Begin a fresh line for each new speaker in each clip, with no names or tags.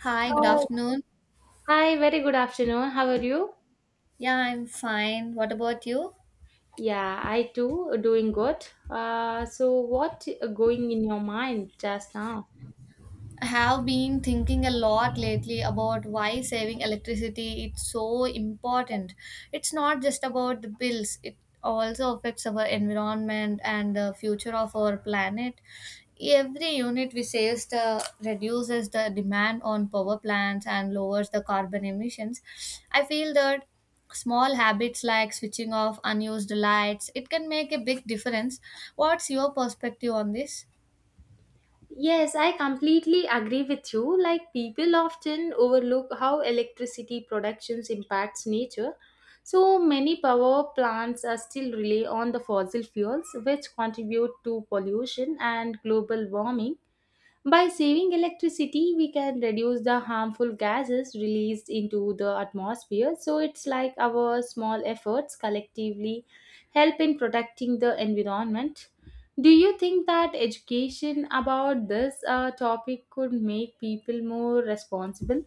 Hi, good
Hi,
afternoon.
hi, very good afternoon. How are you?
Yeah, I'm fine. What about you?
Yeah, I too doing good. So what going in your mind just now?
I have been thinking a lot lately about why saving electricity is so important. It's not just about the bills, it also affects our environment and the future of our planet. Every unit we save reduces the demand on power plants and lowers the carbon emissions. I feel that small habits like switching off unused lights, it can make a big difference. What's your perspective on this?
Yes, I completely agree with you. Like people often overlook how electricity productions impacts nature. So many power plants are still rely on the fossil fuels which contribute to pollution and global warming. By saving electricity, we can reduce the harmful gases released into the atmosphere. So it's like our small efforts collectively help in protecting the environment. Do you think that education about this topic could make people more responsible?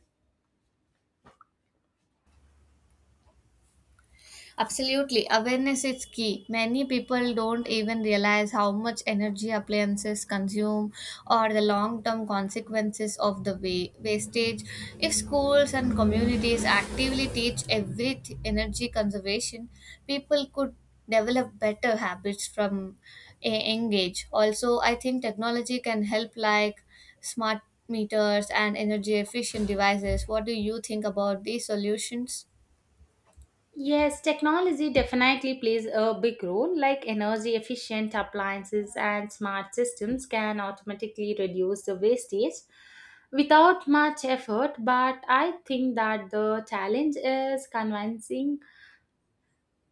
Absolutely, awareness is key. Many people don't even realize how much energy appliances consume or the long term consequences of the wastage. If schools and communities actively teach energy conservation, people could develop better habits from a young. Also, I think technology can help, like smart meters and energy efficient devices. What do you think about these solutions?
Yes, technology definitely plays a big role. Like energy efficient appliances and smart systems can automatically reduce the wastage without much effort. But I think that the challenge is convincing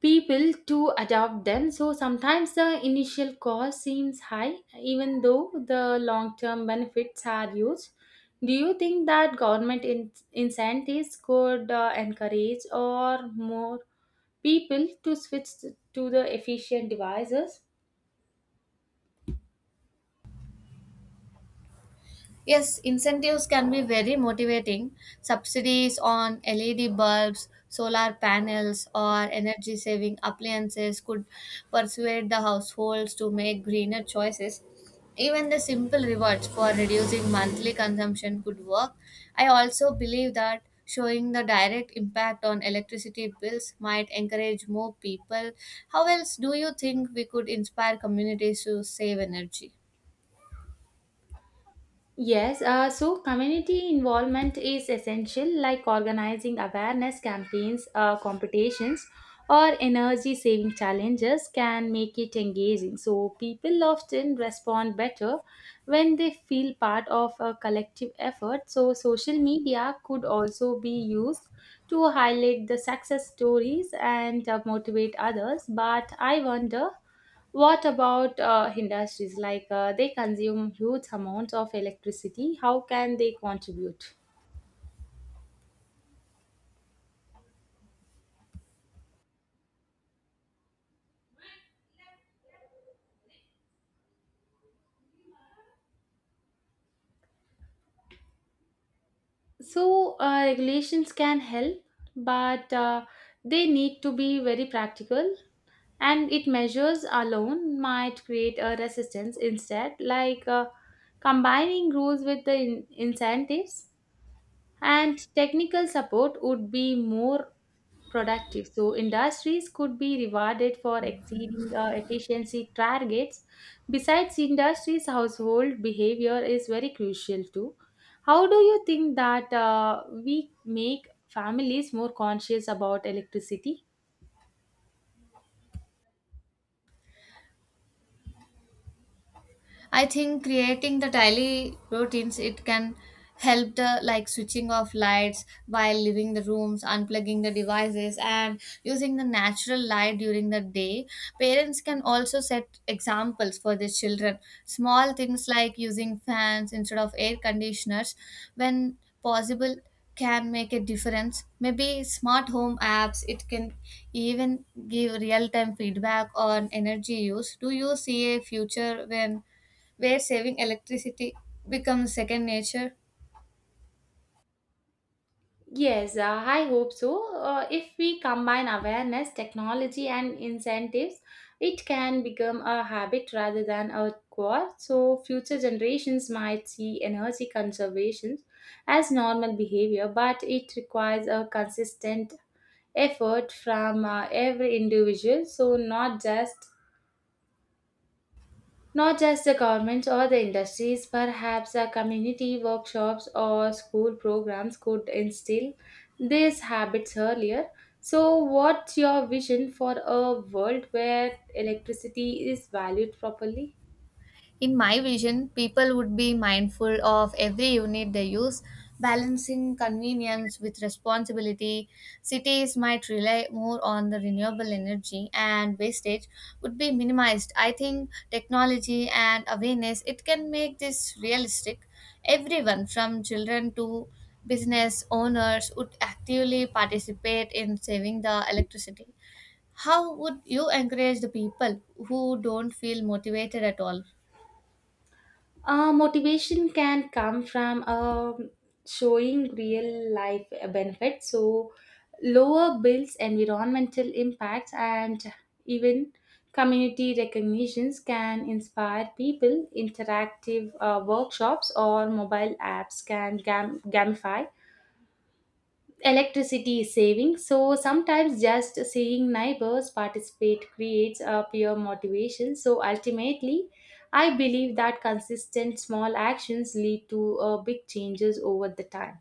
people to adopt them. So sometimes the initial cost seems high, even though the long term benefits are huge. Do you think that government incentives could encourage or more people to switch to the efficient devices?
Yes, incentives can be very motivating. Subsidies on LED bulbs, solar panels, or energy saving appliances could persuade the households to make greener choices. Even the simple rewards for reducing monthly consumption could work. I also believe that showing the direct impact on electricity bills might encourage more people. How else do you think we could inspire communities to save energy?
Yes, so community involvement is essential, like organizing awareness campaigns, competitions, or energy saving challenges can make it engaging. So, people often respond better when they feel part of a collective effort. So, social media could also be used to highlight the success stories and motivate others. But I wonder what about industries? They consume huge amounts of electricity. How can they contribute? Regulations can help, but they need to be very practical. And it measures alone might create a resistance instead, combining rules with the incentives and technical support would be more productive. So industries could be rewarded for exceeding efficiency targets. Besides industries, household behavior is very crucial too. How do you think that we make families more conscious about electricity?
I think creating the daily routines it can help the, like switching off lights while leaving the rooms, unplugging the devices and using the natural light during the day. Parents can also set examples for their children. Small things like using fans instead of air conditioners when possible can make a difference. Maybe smart home apps it can even give real time feedback on energy use. Do you see a future when where saving electricity becomes second nature?
Yes, I hope so. If we combine awareness, technology, and incentives, it can become a habit rather than a chore. So, future generations might see energy conservation as normal behavior, but it requires a consistent effort from every individual. So, not just the governments or the industries, perhaps the community workshops or school programs could instill these habits earlier. So, what's your vision for a world where electricity is valued properly?
In my vision, people would be mindful of every unit they use, balancing convenience with responsibility. Cities might rely more on the renewable energy and wastage would be minimized. I think technology and awareness it can make this realistic. Everyone from children to business owners would actively participate in saving the electricity. How would you encourage the people who don't feel motivated at all?
Motivation can come from showing real life benefits, so lower bills, environmental impacts, and even community recognitions can inspire people. Interactive workshops or mobile apps can gamify electricity is saving. So sometimes just seeing neighbors participate creates a peer motivation. So ultimately I believe that consistent small actions lead to big changes over the time.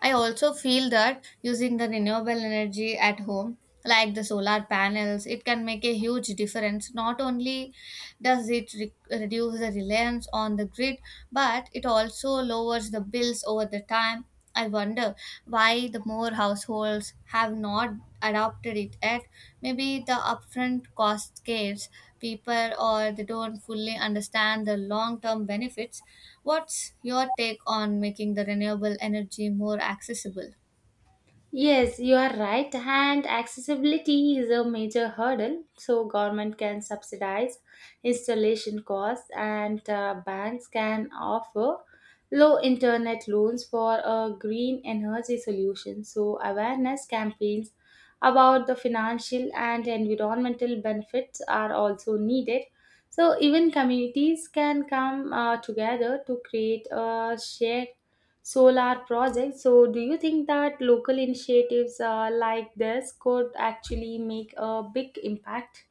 I also feel that using the renewable energy at home, like the solar panels, it can make a huge difference. Not only does it reduce the reliance on the grid, but it also lowers the bills over the time. I wonder why the more households have not adopted it yet. Maybe the upfront cost scares people or they don't fully understand the long term benefits. What's your take on making the renewable energy more accessible?
Yes, you are right. And accessibility is a major hurdle. So government can subsidize installation costs, and banks can offer low internet loans for a green energy solution. So awareness campaigns about the financial and environmental benefits are also needed. So even communities can come together to create a shared solar projects. So, do you think that local initiatives like this could actually make a big impact?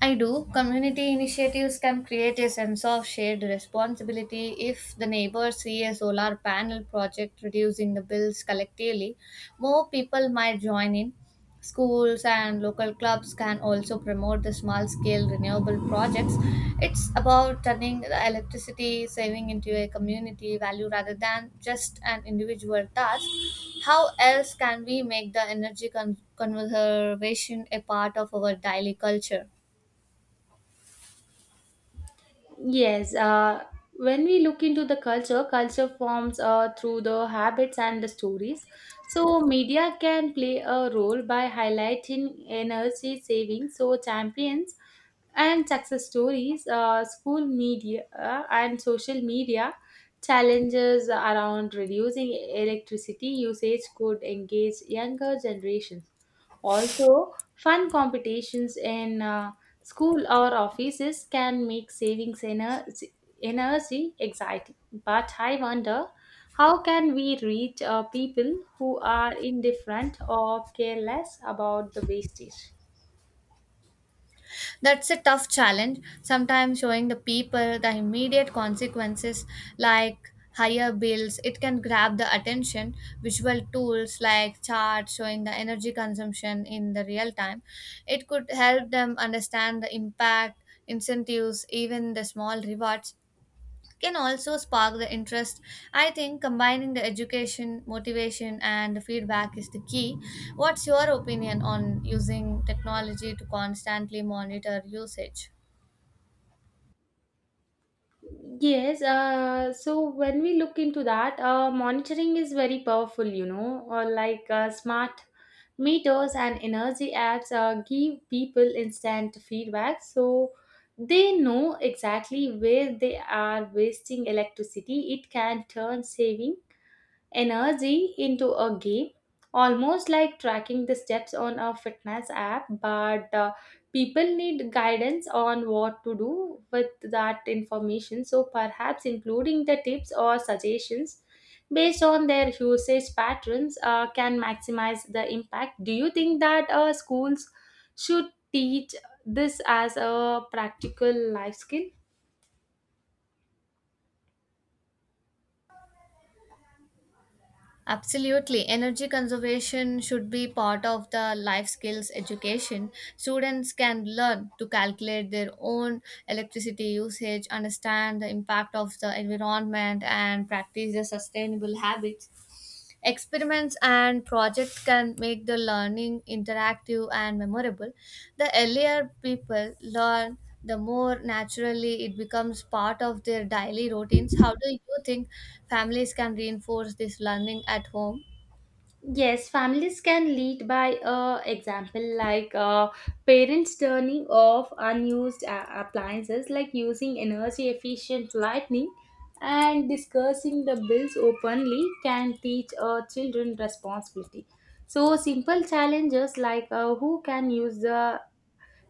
I do. Community initiatives can create a sense of shared responsibility if the neighbors see a solar panel project reducing the bills collectively. More people might join in. Schools and local clubs can also promote the small scale renewable projects. It's about turning the electricity saving into a community value rather than just an individual task. How else can we make the conservation a part of our daily culture?
Yes, uh, when we look into the culture, culture forms through the habits and the stories. So, media can play a role by highlighting energy saving. So, champions and success stories, school media and social media challenges around reducing electricity usage could engage younger generations. Also, fun competitions in school or offices can make energy exciting. But I wonder how can we reach people who are indifferent or careless about the wastage?
That's a tough challenge. Sometimes showing the people the immediate consequences like higher bills, it can grab the attention. Visual tools like charts showing the energy consumption in the real time, it could help them understand the impact. Incentives, even the small rewards, can also spark the interest. I think combining the education, motivation, and the feedback is the key. What's your opinion on using technology to constantly monitor usage?
Yes, so when we look into that, monitoring is very powerful, you know, or smart meters and energy apps give people instant feedback. So they know exactly where they are wasting electricity. It can turn saving energy into a game, almost like tracking the steps on a fitness app. But People need guidance on what to do with that information, so perhaps including the tips or suggestions based on their usage patterns can maximize the impact. Do you think that schools should teach this as a practical life skill?
Absolutely. Energy conservation should be part of the life skills education. Students can learn to calculate their own electricity usage, understand the impact of the environment, and practice the sustainable habits. Experiments and projects can make the learning interactive and memorable. The earlier people learn, the more naturally it becomes part of their daily routines. How do you think families can reinforce this learning at home?
Yes, families can lead by example, parents turning off unused appliances, like using energy efficient lighting, and discussing the bills openly can teach children responsibility. So, simple challenges who can use the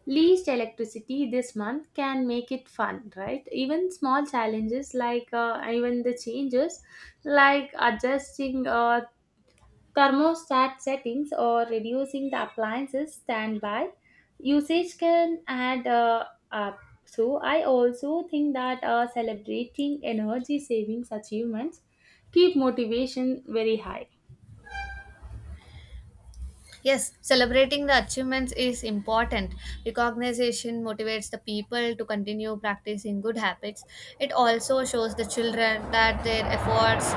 least electricity this month can make it fun, right? Even small challenges even the changes like adjusting thermostat settings or reducing the appliances standby usage can add up. So I also think that celebrating energy savings achievements keep motivation very high.
Yes, celebrating the achievements is important. Recognition motivates the people to continue practicing good habits. It also shows the children that their efforts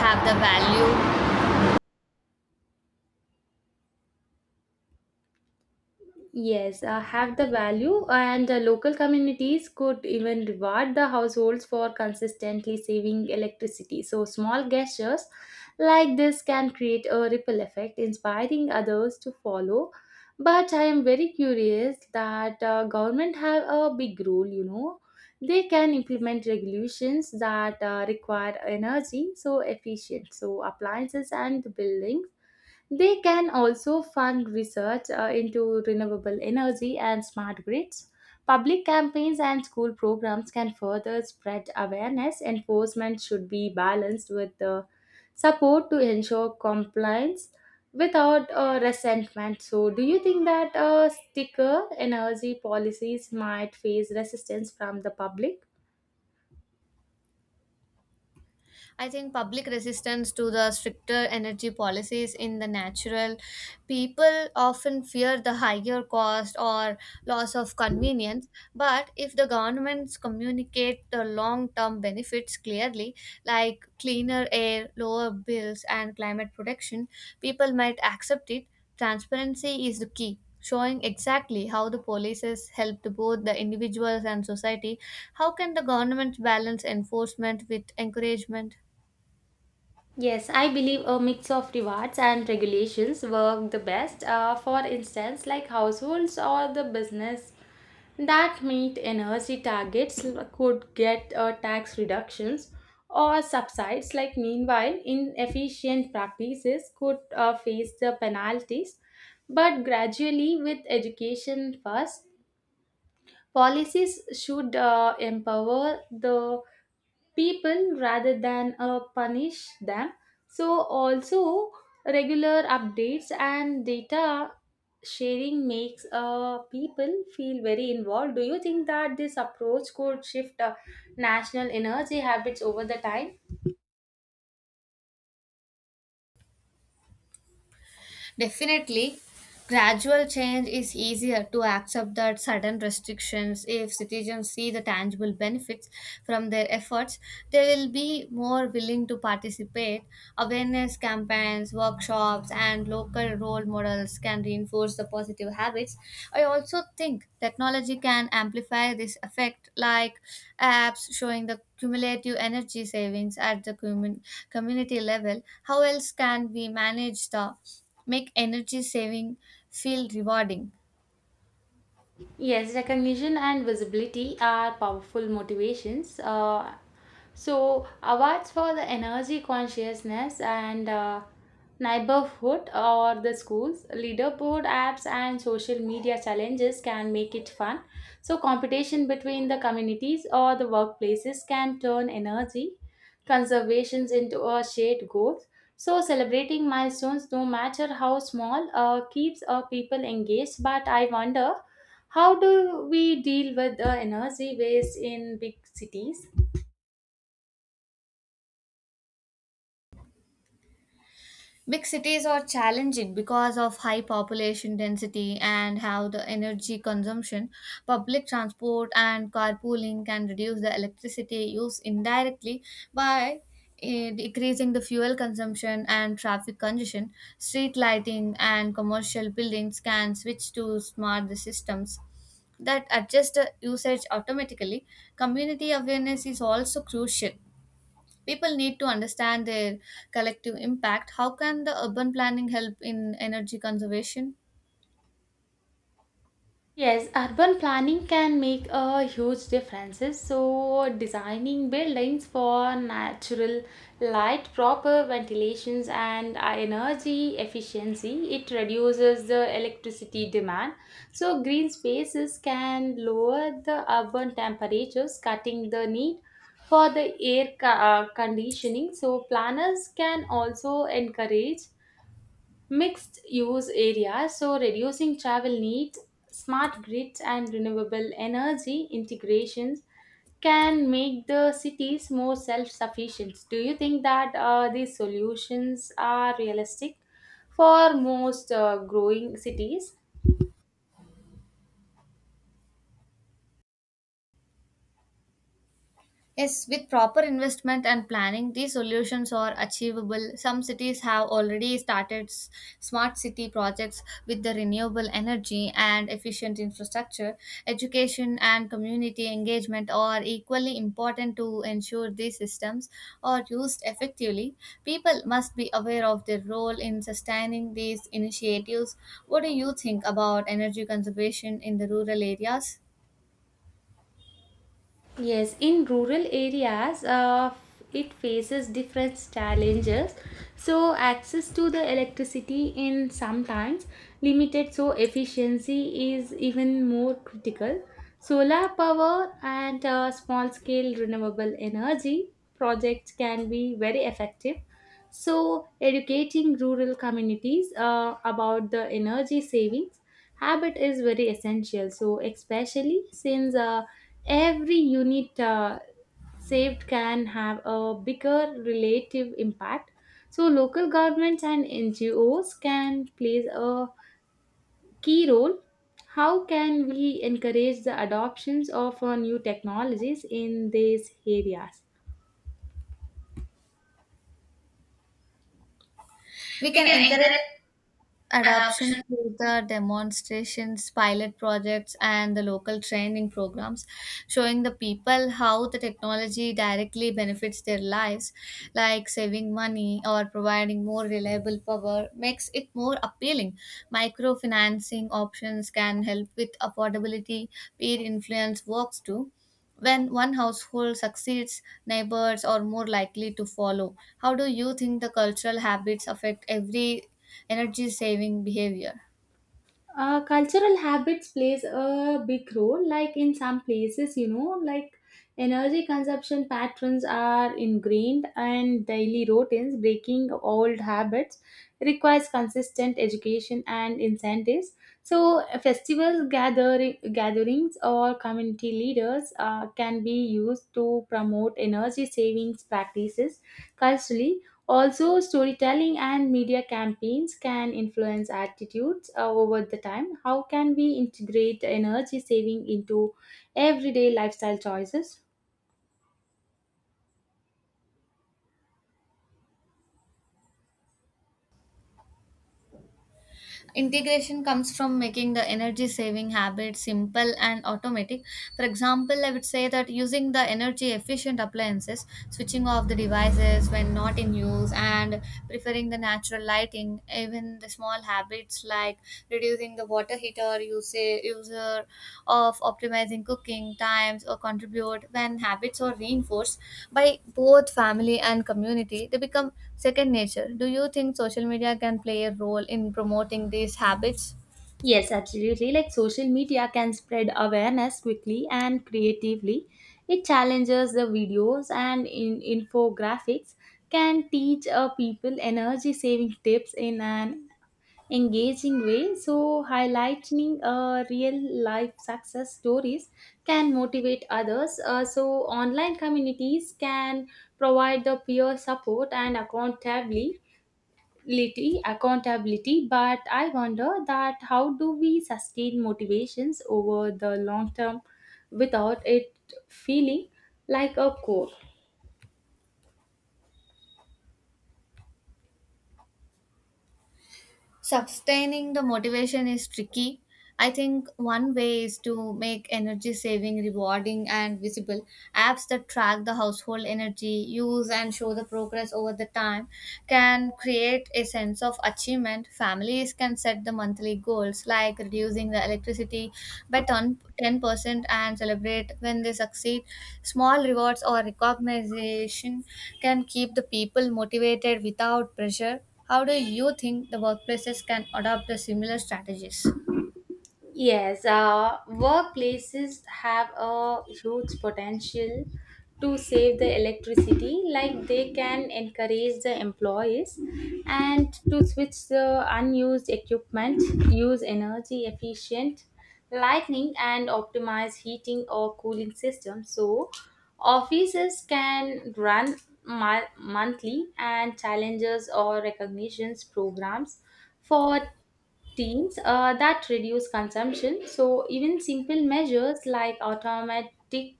have the value.
Yes, have the value, and local communities could even reward the households for consistently saving electricity. So, small gestures like this can create a ripple effect, inspiring others to follow. But I am very curious that government have a big role. You know, they can implement regulations that require energy so efficient, so appliances and building they can also fund research into renewable energy and smart grids. Public campaigns and school programs can further spread awareness. Enforcement should be balanced with the support to ensure compliance without resentment. So, do you think that sticker energy policies might face resistance from the public?
I think public resistance to the stricter energy policies in the natural, people often fear the higher cost or loss of convenience. But if the governments communicate the long term benefits clearly, like cleaner air, lower bills, and climate protection, people might accept it. Transparency is the key. Showing exactly how the policies helped both the individuals and society, how can the government balance enforcement with encouragement?
Yes, I believe a mix of rewards and regulations work the best. For instance, like households or the business that meet energy targets could get tax reductions or subsides. Like meanwhile, inefficient practices could face the penalties. But gradually, with education first, policies should empower the people rather than punish them. So, also regular updates and data sharing makes people feel very involved. Do you think that this approach could shift national energy habits over the time?
Definitely, gradual change is easier to accept than sudden restrictions. If citizens see the tangible benefits from their efforts, they will be more willing to participate. Awareness campaigns, workshops, and local role models can reinforce the positive habits. I also think technology can amplify this effect, like apps showing the cumulative energy savings at the community level. How else can we manage the make energy saving feel rewarding?
Yes, recognition and visibility are powerful motivations. So, awards for the energy consciousness and neighborhood or the schools, leaderboard apps, and social media challenges can make it fun. So, competition between the communities or the workplaces can turn energy conservations into a shared goal. So, celebrating milestones, no matter how small, keeps people engaged. But I wonder how do we deal with the energy waste in big cities?
Big cities are challenging because of high population density and how the energy consumption, public transport, and carpooling can reduce the electricity use indirectly by decreasing the fuel consumption and traffic congestion. Street lighting and commercial buildings can switch to smart systems that adjust the usage automatically. Community awareness is also crucial. People need to understand their collective impact. How can the urban planning help in energy conservation?
Yes, urban planning can make a huge differences. So, designing buildings for natural light, proper ventilations, and energy efficiency, it reduces the electricity demand. So, green spaces can lower the urban temperatures, cutting the need for the air conditioning. So, planners can also encourage mixed use areas so reducing travel needs, smart grids and renewable energy integrations can make the cities more self-sufficient. Do you think that these solutions are realistic for most growing cities?
Yes, with proper investment and planning, these solutions are achievable. Some cities have already started smart city projects with the renewable energy and efficient infrastructure. Education and community engagement are equally important to ensure these systems are used effectively. People must be aware of their role in sustaining these initiatives. What do you think about energy conservation in the rural areas?
Yes, In rural areas, it faces different challenges. So, access to the electricity in sometimes limited, so efficiency is even more critical. Solar power and small scale renewable energy projects can be very effective. So, educating rural communities about the energy savings habit is very essential. So, especially since every unit saved can have a bigger relative impact. So, local governments and NGOs can play a key role. How can we encourage the adoptions of new technologies in these areas?
We
We
can
can
encourage
encourage
adoption
adoption.
through the demonstrations, pilot projects, and the local training programs, showing the people how the technology directly benefits their lives, like saving money or providing more reliable power, makes it more appealing. Microfinancing options can help with affordability, peer influence works too. When one household succeeds, neighbors are more likely to follow. How do you think the cultural habits affect every energy saving behavior?
Uh, cultural habits plays a big role, like in some places, you know, like energy consumption patterns are ingrained and daily routines. Breaking old habits requires consistent education and incentives. So festivals, gatherings or community leaders can be used to promote energy savings practices culturally. Also, storytelling and media campaigns can influence attitudes over the time. How can we integrate energy saving into everyday lifestyle choices?
Integration comes from making the energy saving habits simple and automatic. For example, I would say that using the energy efficient appliances, switching off the devices when not in use, and preferring the natural lighting, even the small habits like reducing the water heater user of optimizing cooking times, or contribute when habits are reinforced by both family and community, they become second nature. Do you think social media can play a role in promoting these habits?
Yes, absolutely. Like social media can spread awareness quickly and creatively. It challenges the videos and in infographics can teach people energy saving tips in an engaging way. So highlighting real life success stories can motivate others. So online communities can provide the peer support and accountability. But I wonder that how do we sustain motivations over the long term without it feeling like a core.
Sustaining the motivation is tricky. I think one way is to make energy saving rewarding and visible. Apps that track the household energy use and show the progress over the time can create a sense of achievement. Families can set the monthly goals, like reducing the electricity by 10% and celebrate when they succeed. Small rewards or recognition can keep the people motivated without pressure. How do you think the workplaces can adopt the similar strategies?
Yes, Workplaces have a huge potential to save the electricity, like they can encourage the employees and to switch the unused equipment, use energy efficient lighting, and optimize heating or cooling systems. So, offices can run monthly and challenges or recognitions programs for routines that reduce consumption. So even simple measures like automatic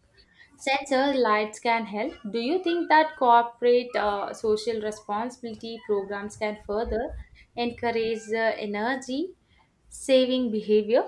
sensor lights can help. Do you think that corporate social responsibility programs can further encourage the energy saving behavior?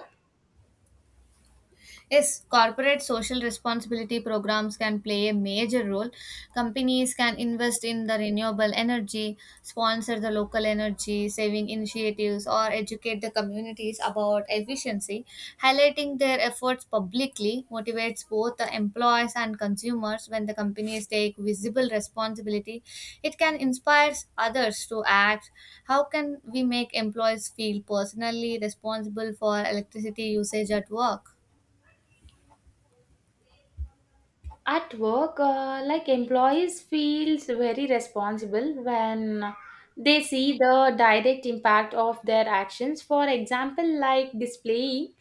Yes, corporate social responsibility programs can play a major role. Companies can invest in the renewable energy, sponsor the local energy saving initiatives, or educate the communities about efficiency. Highlighting their efforts publicly motivates both the employees and consumers. When the companies take visible responsibility, it can inspire others to act. How can we make employees feel personally responsible for electricity usage at work?
At work, like employees feels very responsible when they see the direct impact of their actions. For example, like displaying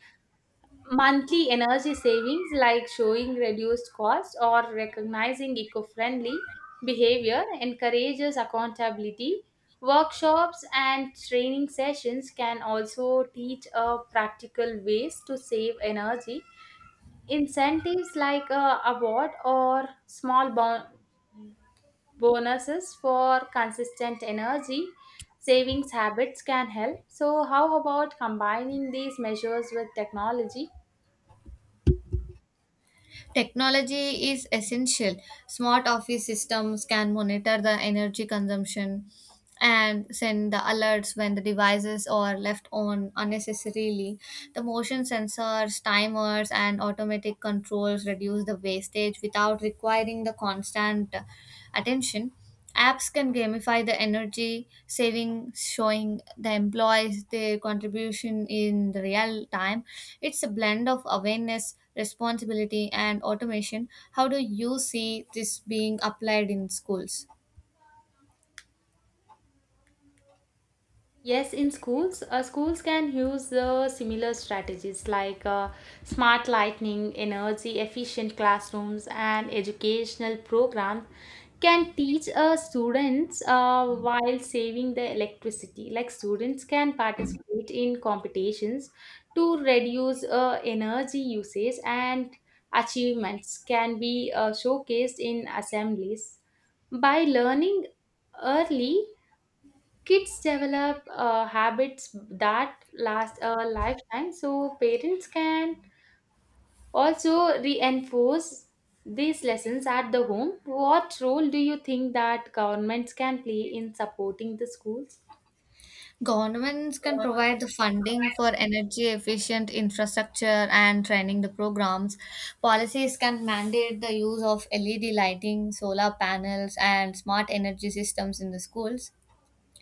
monthly energy savings like showing reduced cost or recognizing eco friendly behavior encourages accountability. Workshops and training sessions can also teach practical ways to save energy. Incentives like a award or small bonuses for consistent energy savings habits can help. So, how about combining these measures with technology?
Technology is essential. Smart office systems can monitor the energy consumption and send the alerts when the devices are left on unnecessarily. The motion sensors, timers, and automatic controls reduce the wastage without requiring the constant attention. Apps can gamify the energy saving, showing the employees their contribution in the real time. It's a blend of awareness, responsibility, and automation. How do you see this being applied in schools?
Yes, in schools, schools can use the similar strategies smart lightning, energy efficient classrooms, and educational programs can teach students while saving the electricity. Like students can participate in competitions to reduce energy usage, and achievements can be showcased in assemblies. By learning early, kids develop habits that last a lifetime. So parents can also reinforce these lessons at the home. What role do you think that governments can play in supporting the schools?
Governments can provide the funding for energy efficient infrastructure and training the programs. Policies can mandate the use of LED lighting, solar panels, and smart energy systems in the schools.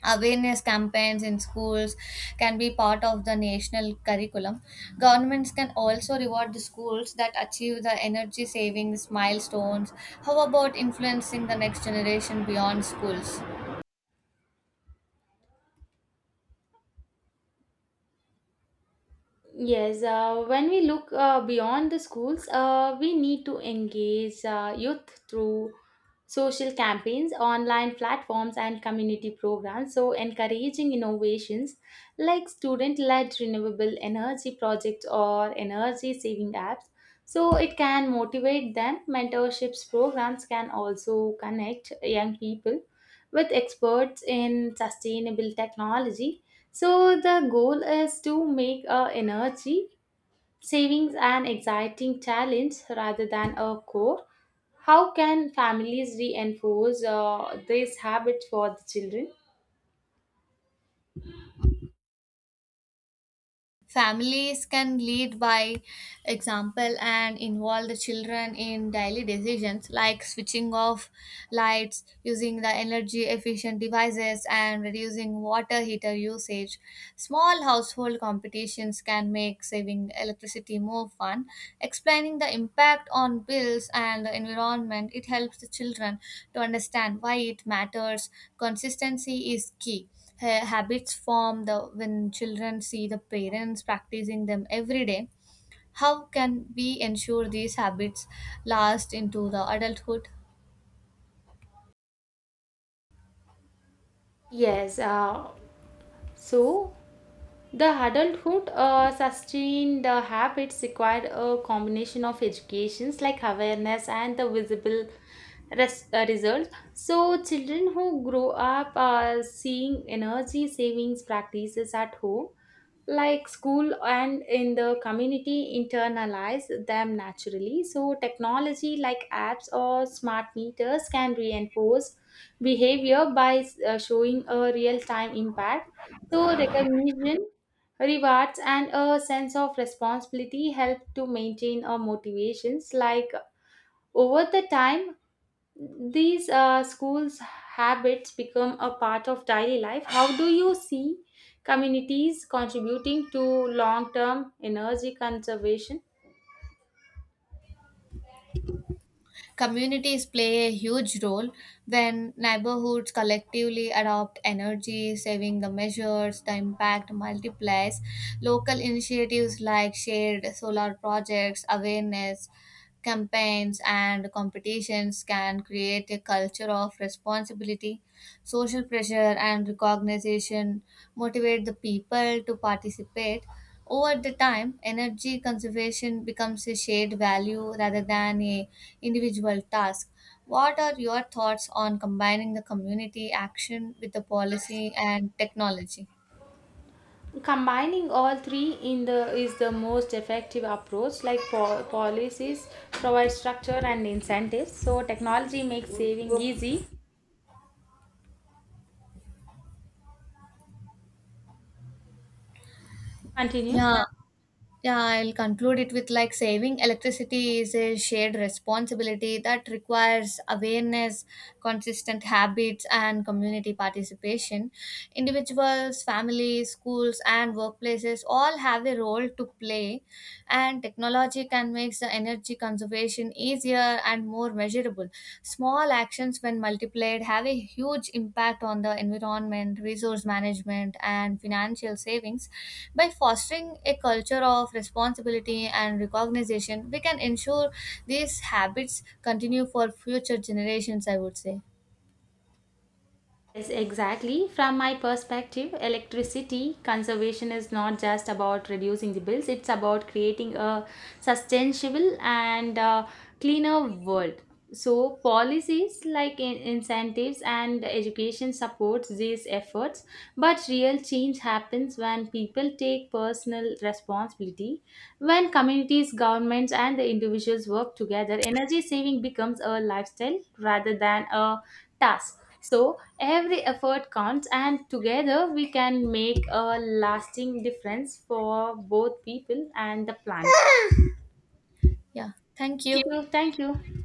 Awareness campaigns in schools can be part of the national curriculum. Governments can also reward the schools that achieve the energy savings milestones. How about influencing the next generation beyond schools?
Yes, when we look beyond the schools, we need to engage youth through social campaigns, online platforms, and community programs. So, encouraging innovations like student led renewable energy projects or energy saving apps. So, it can motivate them. Mentorships programs can also connect young people with experts in sustainable technology. So, the goal is to make a energy savings an exciting challenge rather than a core. How can families reinforce these habits for the children?
Families can lead by example and involve the children in daily decisions like switching off lights, using the energy efficient devices, and reducing water heater usage. Small household competitions can make saving electricity more fun. Explaining the impact on bills and the environment, it helps the children to understand why it matters. Consistency is key. Habits form the when children see the parents practicing them every day. How can we ensure these habits last into the adulthood?
Yes, uh, so the adulthood sustained the habits required a combination of educations like awareness and the visible results. So, children who grow up seeing energy savings practices at home, like school and in the community, internalize them naturally. So, technology like apps or smart meters can reinforce behavior by showing a real time impact. So, recognition rewards and a sense of responsibility help to maintain our motivations. Like over the time, these schools' habits become a part of daily life. How do you see communities contributing to long-term energy conservation?
Communities play a huge role. When neighborhoods collectively adopt energy saving the measures, the impact multiplies. Local initiatives like shared solar projects, awareness campaigns, and competitions can create a culture of responsibility. Social pressure and recognition motivate the people to participate. Over the time, energy conservation becomes a shared value rather than a individual task. What are your thoughts on combining the community action with the policy and technology?
Combining all three in the is the most effective approach. Like policies provide structure and incentives, so technology makes saving easy. Continue.
Yeah, Yeah, I'll conclude it with, like, saving electricity is a shared responsibility that requires awareness, consistent habits, and community participation. Individuals, families, schools, and workplaces all have a role to play, and technology can make the energy conservation in easier and more measurable. Small actions, when multiplied, have a huge impact on the environment, resource management, and financial savings. By fostering a culture of responsibility and recognition, we can ensure these habits continue for future generations, I would say.
Yes, exactly. From my perspective, electricity conservation is not just about reducing the bills, it's about creating a sustainable and cleaner world. So, policies like incentives and education supports these efforts, but real change happens when people take personal responsibility. When communities, governments, and the individuals work together, energy saving becomes a lifestyle rather than a task. So, every effort counts, and together we can make a lasting difference for both people and the planet.
Yeah, thank
Thank
you.
you. Thank you.